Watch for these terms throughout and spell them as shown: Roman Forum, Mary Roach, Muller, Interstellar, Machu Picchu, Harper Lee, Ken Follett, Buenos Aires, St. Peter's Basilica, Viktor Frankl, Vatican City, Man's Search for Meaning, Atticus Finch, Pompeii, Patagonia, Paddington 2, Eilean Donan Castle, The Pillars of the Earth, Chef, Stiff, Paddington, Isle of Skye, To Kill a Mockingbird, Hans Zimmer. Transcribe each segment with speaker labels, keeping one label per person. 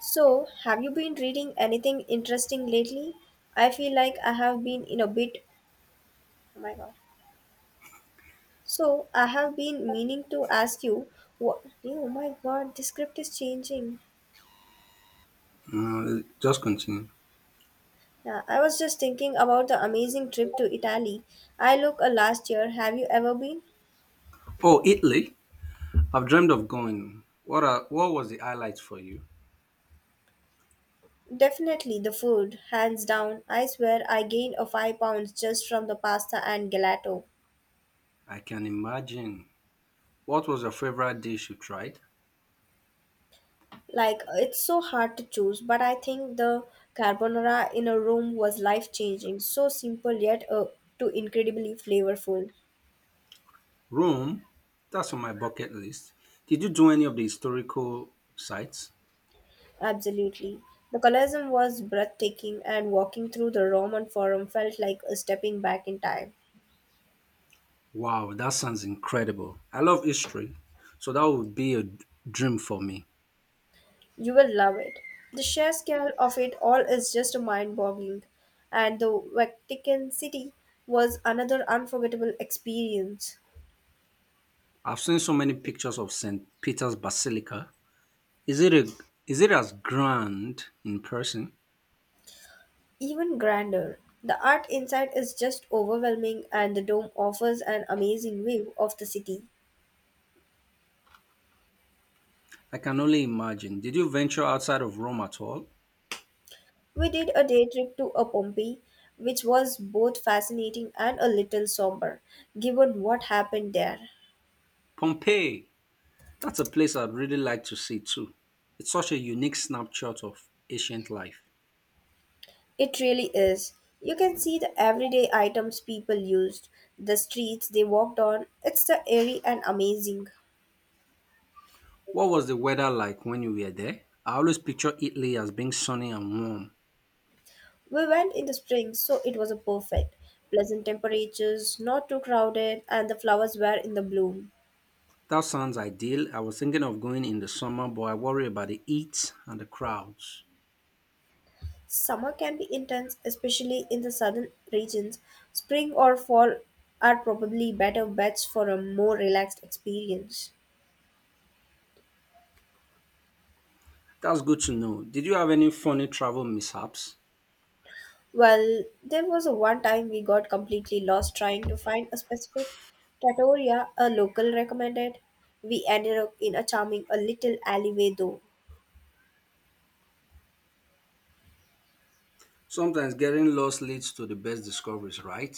Speaker 1: So, have you been reading anything interesting lately? I feel like I have been in a bit. Oh my god. So, I have been meaning to ask you what. Oh my god, the script is changing.
Speaker 2: Just continue.
Speaker 1: Yeah, I was just thinking about the amazing trip to Italy. I look last year. Have you ever been?
Speaker 2: Oh, Italy. I've dreamed of going. What was the highlight for you?
Speaker 1: Definitely the food, hands down. I swear I gained a 5 pounds just from the pasta and gelato.
Speaker 2: I can imagine. What was your favorite dish you tried?
Speaker 1: Like it's so hard to choose, but I think the carbonara in a room was life changing. So simple yet too incredibly flavorful.
Speaker 2: Rome. That's on my bucket list. Did you do any of the historical sites?
Speaker 1: Absolutely. The colorism was breathtaking and walking through the Roman Forum felt like a stepping back in time.
Speaker 2: Wow, that sounds incredible. I love history, so that would be a dream for me.
Speaker 1: You will love it. The sheer scale of it all is just mind boggling. And the Vatican City was another unforgettable experience.
Speaker 2: I've seen so many pictures of St. Peter's Basilica. Is it a is it as grand in person?
Speaker 1: Even grander. The art inside is just overwhelming, and the dome offers an amazing view of the city.
Speaker 2: I can only imagine. Did you venture outside of Rome at all?
Speaker 1: We did a day trip to a Pompeii, which was both fascinating and a little somber, given what happened there.
Speaker 2: Pompeii! That's a place I'd really like to see too. It's such a unique snapshot of ancient life.
Speaker 1: It really is. You can see the everyday items people used, the streets they walked on. It's the airy and amazing.
Speaker 2: What was the weather like when you were there? I always picture Italy as being sunny and warm.
Speaker 1: We went in the spring, so it was a perfect. Pleasant temperatures, not too crowded, and the flowers were in the bloom.
Speaker 2: That sounds ideal. I was thinking of going in the summer, but I worry about the heat and the crowds.
Speaker 1: Summer can be intense, especially in the southern regions. Spring or fall are probably better bets for a more relaxed experience.
Speaker 2: That's good to know. Did you have any funny travel mishaps?
Speaker 1: Well, there was a one time we got completely lost trying to find a specific trattoria a local recommended. We ended up in a charming a little alleyway though.
Speaker 2: Sometimes getting lost leads to the best discoveries, right?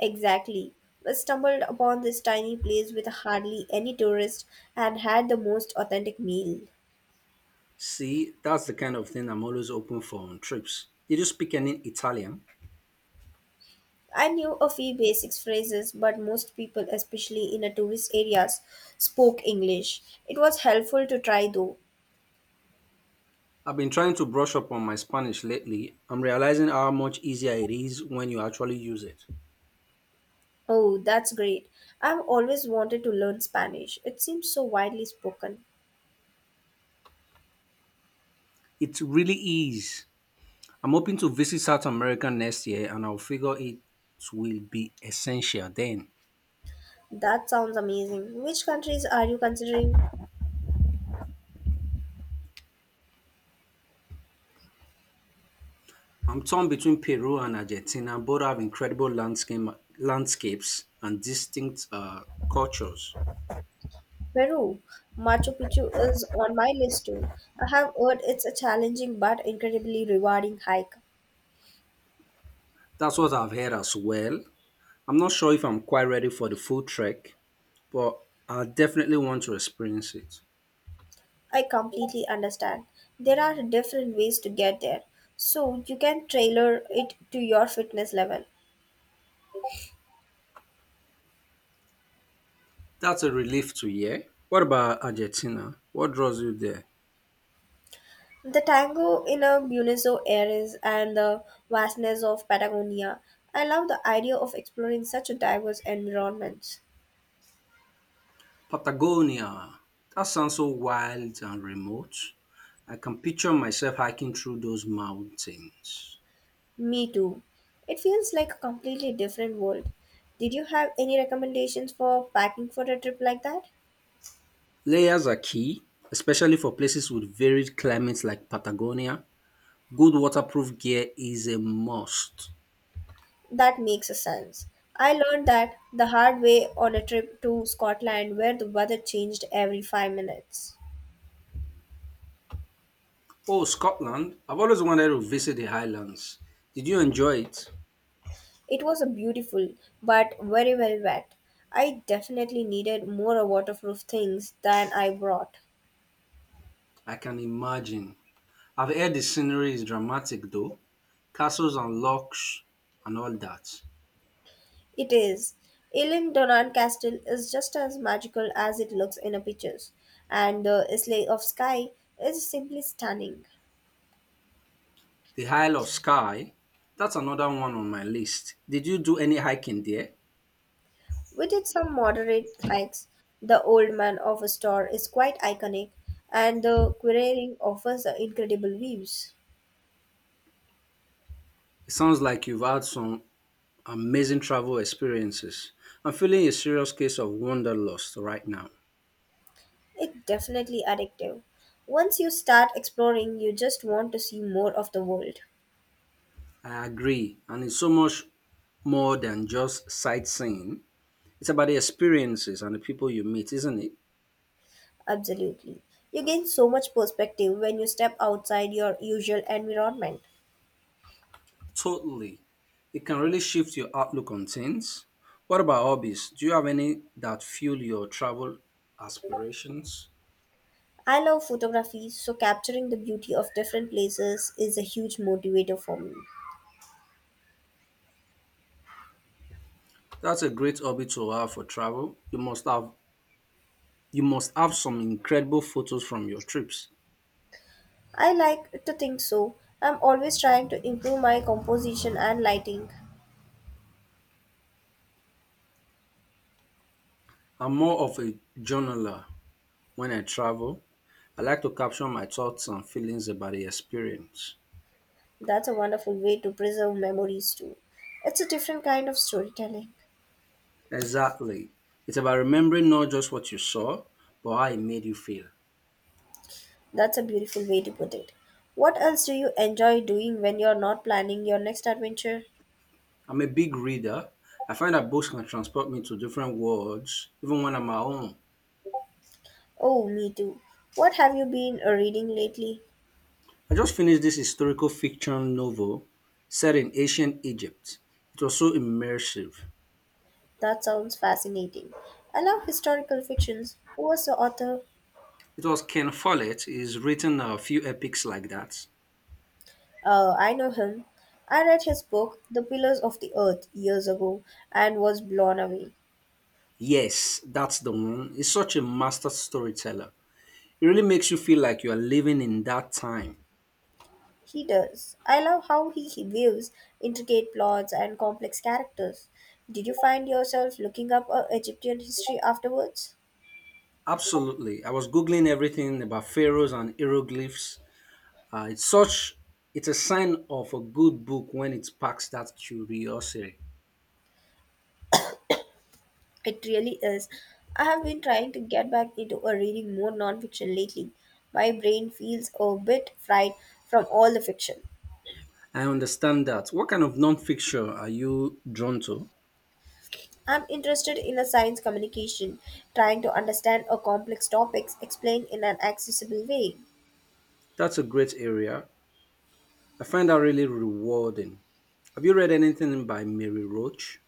Speaker 1: Exactly. We stumbled upon this tiny place with hardly any tourists and had the most authentic meal.
Speaker 2: See, that's the kind of thing I'm always open for on trips. Did you speak any Italian?
Speaker 1: I knew a few basic phrases, but most people, especially in a tourist areas, spoke English. It was helpful to try though.
Speaker 2: I've been trying to brush up on my Spanish lately. I'm realizing how much easier it is when you actually use it.
Speaker 1: Oh, that's great. I've always wanted to learn Spanish. It seems so widely spoken.
Speaker 2: It really is. I'm hoping to visit South America next year and I'll figure it will be essential then.
Speaker 1: That sounds amazing. Which countries are you considering?
Speaker 2: I'm torn between Peru and Argentina. Both have landscapes and distinct cultures.
Speaker 1: Peru. Machu Picchu is on my list too. I have heard it's a challenging but incredibly rewarding hike.
Speaker 2: That's what I've heard as well. I'm not sure if I'm quite ready for the full trek, but I definitely want to experience it.
Speaker 1: I completely understand. There are different ways to get there, so you can tailor it to your fitness level.
Speaker 2: That's a relief to hear. What about Argentina? What draws you there?
Speaker 1: The tango in a Buenos Aires and the vastness of Patagonia. I love the idea of exploring such a diverse environment.
Speaker 2: Patagonia. That sounds so wild and remote. I can picture myself hiking through those mountains.
Speaker 1: Me too. It feels like a completely different world. Did you have any recommendations for packing for a trip like that?
Speaker 2: Layers are key, especially for places with varied climates like Patagonia. Good waterproof gear is a must.
Speaker 1: That makes a sense. I learned that the hard way on a trip to Scotland where the weather changed every 5 minutes.
Speaker 2: Oh, Scotland. I've always wanted to visit the Highlands. Did you enjoy it?
Speaker 1: It was a beautiful but very wet. I definitely needed more waterproof things than I brought.
Speaker 2: I can imagine. I've heard the scenery is dramatic though. Castles and locks and all that.
Speaker 1: It is. Elin Donan Castle is just as magical as it looks in the pictures, and the Isle of Skye is simply stunning.
Speaker 2: The Isle of Skye, that's another one on my list. Did you do any hiking there?
Speaker 1: We did some moderate hikes, the old man of a store is quite iconic, and the quarrying offers the incredible views.
Speaker 2: It sounds like you've had some amazing travel experiences. I'm feeling a serious case of wanderlust right now.
Speaker 1: It's definitely addictive. Once you start exploring, you just want to see more of the world.
Speaker 2: I agree, and it's so much more than just sightseeing. It's about the experiences and the people you meet, isn't it?
Speaker 1: Absolutely. You gain so much perspective when you step outside your usual environment.
Speaker 2: Totally. It can really shift your outlook on things. What about hobbies? Do you have any that fuel your travel aspirations?
Speaker 1: I love photography, so capturing the beauty of different places is a huge motivator for me.
Speaker 2: That's a great hobby to have for travel. You must have some incredible photos from your trips.
Speaker 1: I like to think so. I'm always trying to improve my composition and lighting.
Speaker 2: I'm more of a journaler when I travel. I like to capture my thoughts and feelings about the experience.
Speaker 1: That's a wonderful way to preserve memories too. It's a different kind of storytelling.
Speaker 2: Exactly. It's about remembering not just what you saw, but how it made you feel.
Speaker 1: That's a beautiful way to put it. What else do you enjoy doing when you're not planning your next adventure?
Speaker 2: I'm a big reader. I find that books can transport me to different worlds, even when I'm at home.
Speaker 1: Oh, me too. What have you been reading lately?
Speaker 2: I just finished this historical fiction novel set in ancient Egypt. It was so immersive.
Speaker 1: That sounds fascinating. I love historical fictions. Who was the author?
Speaker 2: It was Ken Follett. He's written a few epics like that.
Speaker 1: I know him. I read his book, The Pillars of the Earth, years ago and was blown away.
Speaker 2: Yes, that's the one. He's such a master storyteller. It really makes you feel like you are living in that time.
Speaker 1: He does. I love how he weaves intricate plots and complex characters. Did you find yourself looking up Egyptian history afterwards?
Speaker 2: Absolutely. I was Googling everything about pharaohs and hieroglyphs. Uh, it's such it's a sign of a good book when it sparks that curiosity.
Speaker 1: It really is. I have been trying to get back into a reading more nonfiction lately. My brain feels a bit fried from all the fiction.
Speaker 2: I understand that. What kind of non-fiction are you drawn to?
Speaker 1: I'm interested in a science communication, trying to understand a complex topics explained in an accessible way.
Speaker 2: That's a great area. I find that really rewarding. Have you read anything by Mary Roach?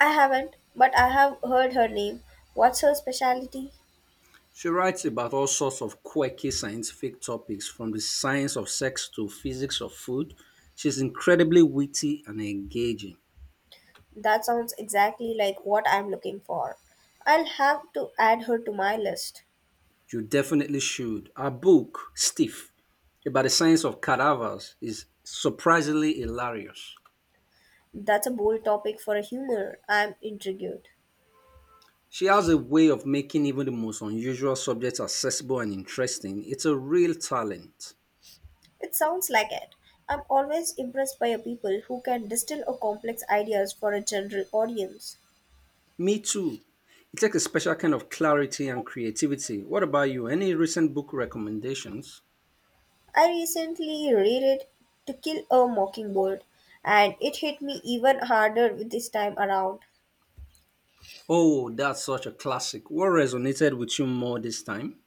Speaker 1: I haven't, but I have heard her name. What's her specialty?
Speaker 2: She writes about all sorts of quirky scientific topics from the science of sex to physics of food. She's incredibly witty and engaging.
Speaker 1: That sounds exactly like what I'm looking for. I'll have to add her to my list.
Speaker 2: You definitely should. Our book, Stiff, about the science of cadavers, is surprisingly hilarious.
Speaker 1: That's a bold topic for a humor. I'm intrigued.
Speaker 2: She has a way of making even the most unusual subjects accessible and interesting. It's a real talent.
Speaker 1: It sounds like it. I'm always impressed by a people who can distill a complex ideas for a general audience.
Speaker 2: Me too. It takes a special kind of clarity and creativity. What about you? Any recent book recommendations?
Speaker 1: I recently reread To Kill a Mockingbird and it hit me even harder with this time around.
Speaker 2: Oh, that's such a classic. What resonated with you more this time?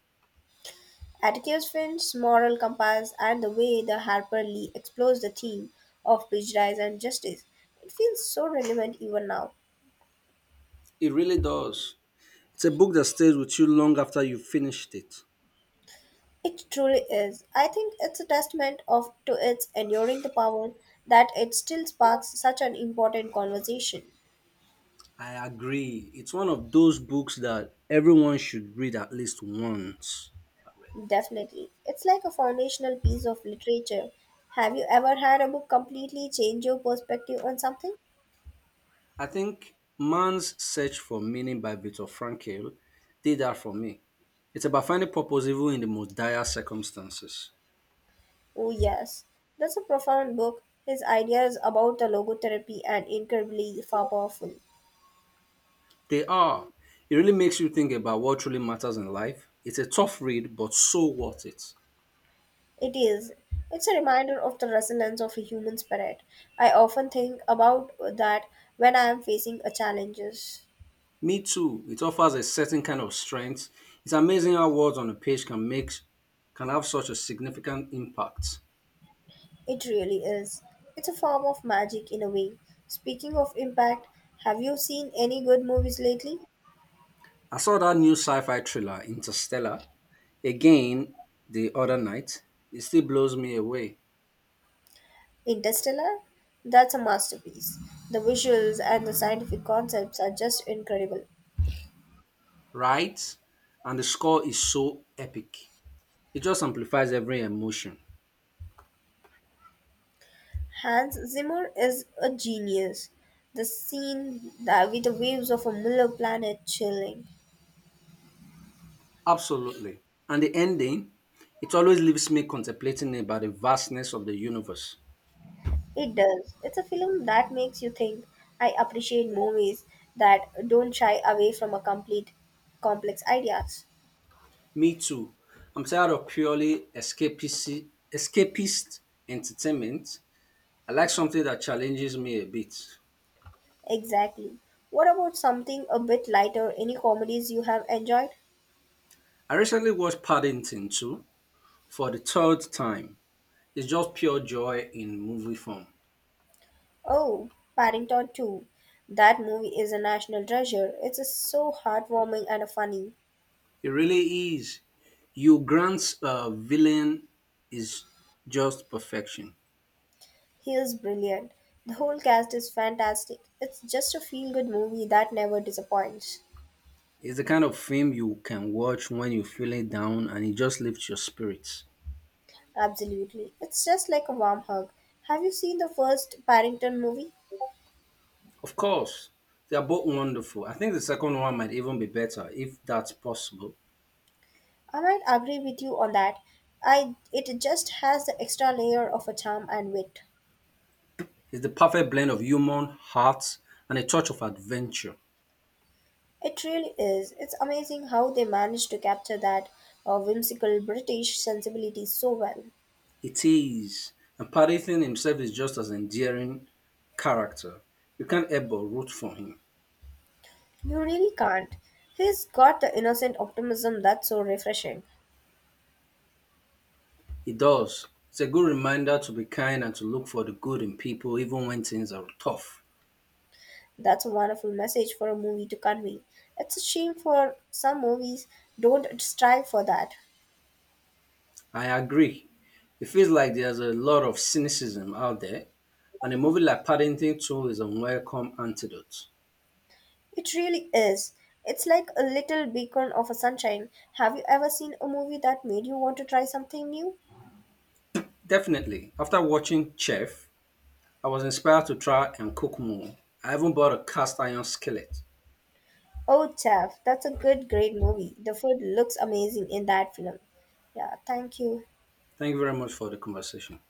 Speaker 1: Atticus Finch's moral compass and the way the Harper Lee explores the theme of prejudice and justice. It feels so relevant even now.
Speaker 2: It really does. It's a book that stays with you long after you finished it.
Speaker 1: It truly is. I think it's a testament of to its enduring the power that it still sparks such an important conversation.
Speaker 2: I agree. It's one of those books that everyone should read at least once. I read it.
Speaker 1: Definitely. It's like a foundational piece of literature. Have you ever had a book completely change your perspective on something?
Speaker 2: I think Man's Search for Meaning by Viktor Frankl did that for me. It's about finding purpose even in the most dire circumstances.
Speaker 1: Oh, yes, that's a profound book. His ideas about the logotherapy are incredibly far powerful.
Speaker 2: They are. It really makes you think about what truly matters in life. It's a tough read, but so worth it.
Speaker 1: It is. It's a reminder of the resilience of a human spirit. I often think about that when I am facing a challenges.
Speaker 2: Me too. It offers a certain kind of strength. It's amazing how words on a page can have such a significant impact.
Speaker 1: It really is. It's a form of magic in a way. Speaking of impact, have you seen any good movies lately?
Speaker 2: I saw that new sci-fi thriller, Interstellar, again the other night. It still blows me away,
Speaker 1: Interstellar? That's a masterpiece. The visuals and the scientific concepts are just incredible.
Speaker 2: right? And the score is so epic. It just amplifies every emotion.
Speaker 1: Hans Zimmer is a genius. The scene that with the waves of a Muller planet chilling.
Speaker 2: Absolutely. And the ending, it always leaves me contemplating about the vastness of the universe.
Speaker 1: It does. It's a film that makes you think. I appreciate movies that don't shy away from a complete complex ideas.
Speaker 2: Me too. I'm tired of escapist entertainment. I like something that challenges me a bit.
Speaker 1: Exactly. What about something a bit lighter? Any comedies you have enjoyed?
Speaker 2: I recently watched Paddington 2 for the third time. It's just pure joy in movie form.
Speaker 1: Oh, Paddington 2. That movie is a national treasure. It's a so heartwarming and a funny.
Speaker 2: It really is. You Grant's villain is just perfection.
Speaker 1: He is brilliant. The whole cast is fantastic. It's just a feel good movie that never disappoints.
Speaker 2: It's the kind of film you can watch when you're feeling down and it just lifts your spirits.
Speaker 1: Absolutely. It's just like a warm hug. Have you seen the first Paddington movie?
Speaker 2: Of course, they are both wonderful. I think the second one might even be better if that's possible.
Speaker 1: I might agree with you on that. I it just has the extra layer of a charm and wit.
Speaker 2: It's the perfect blend of human heart and a touch of adventure.
Speaker 1: It really is. It's amazing how they managed to capture that whimsical British sensibility so well.
Speaker 2: It is. And Paddington himself is just as endearing character. You can't help but root for him.
Speaker 1: You really can't. He's got the innocent optimism that's so refreshing.
Speaker 2: It does. It's a good reminder to be kind and to look for the good in people, even when things are tough.
Speaker 1: That's a wonderful message for a movie to convey. It's a shame for some movies don't strive for that.
Speaker 2: I agree. It feels like there's a lot of cynicism out there, and a movie like Paddington 2 is a welcome antidote.
Speaker 1: It really is. It's like a little beacon of a sunshine. Have you ever seen a movie that made you want to try something new?
Speaker 2: Definitely. After watching Chef, I was inspired to try and cook more. I even bought a cast iron skillet.
Speaker 1: Oh, Chef, that's great movie. The food looks amazing in that film. Yeah, thank you.
Speaker 2: Thank you very much for the conversation.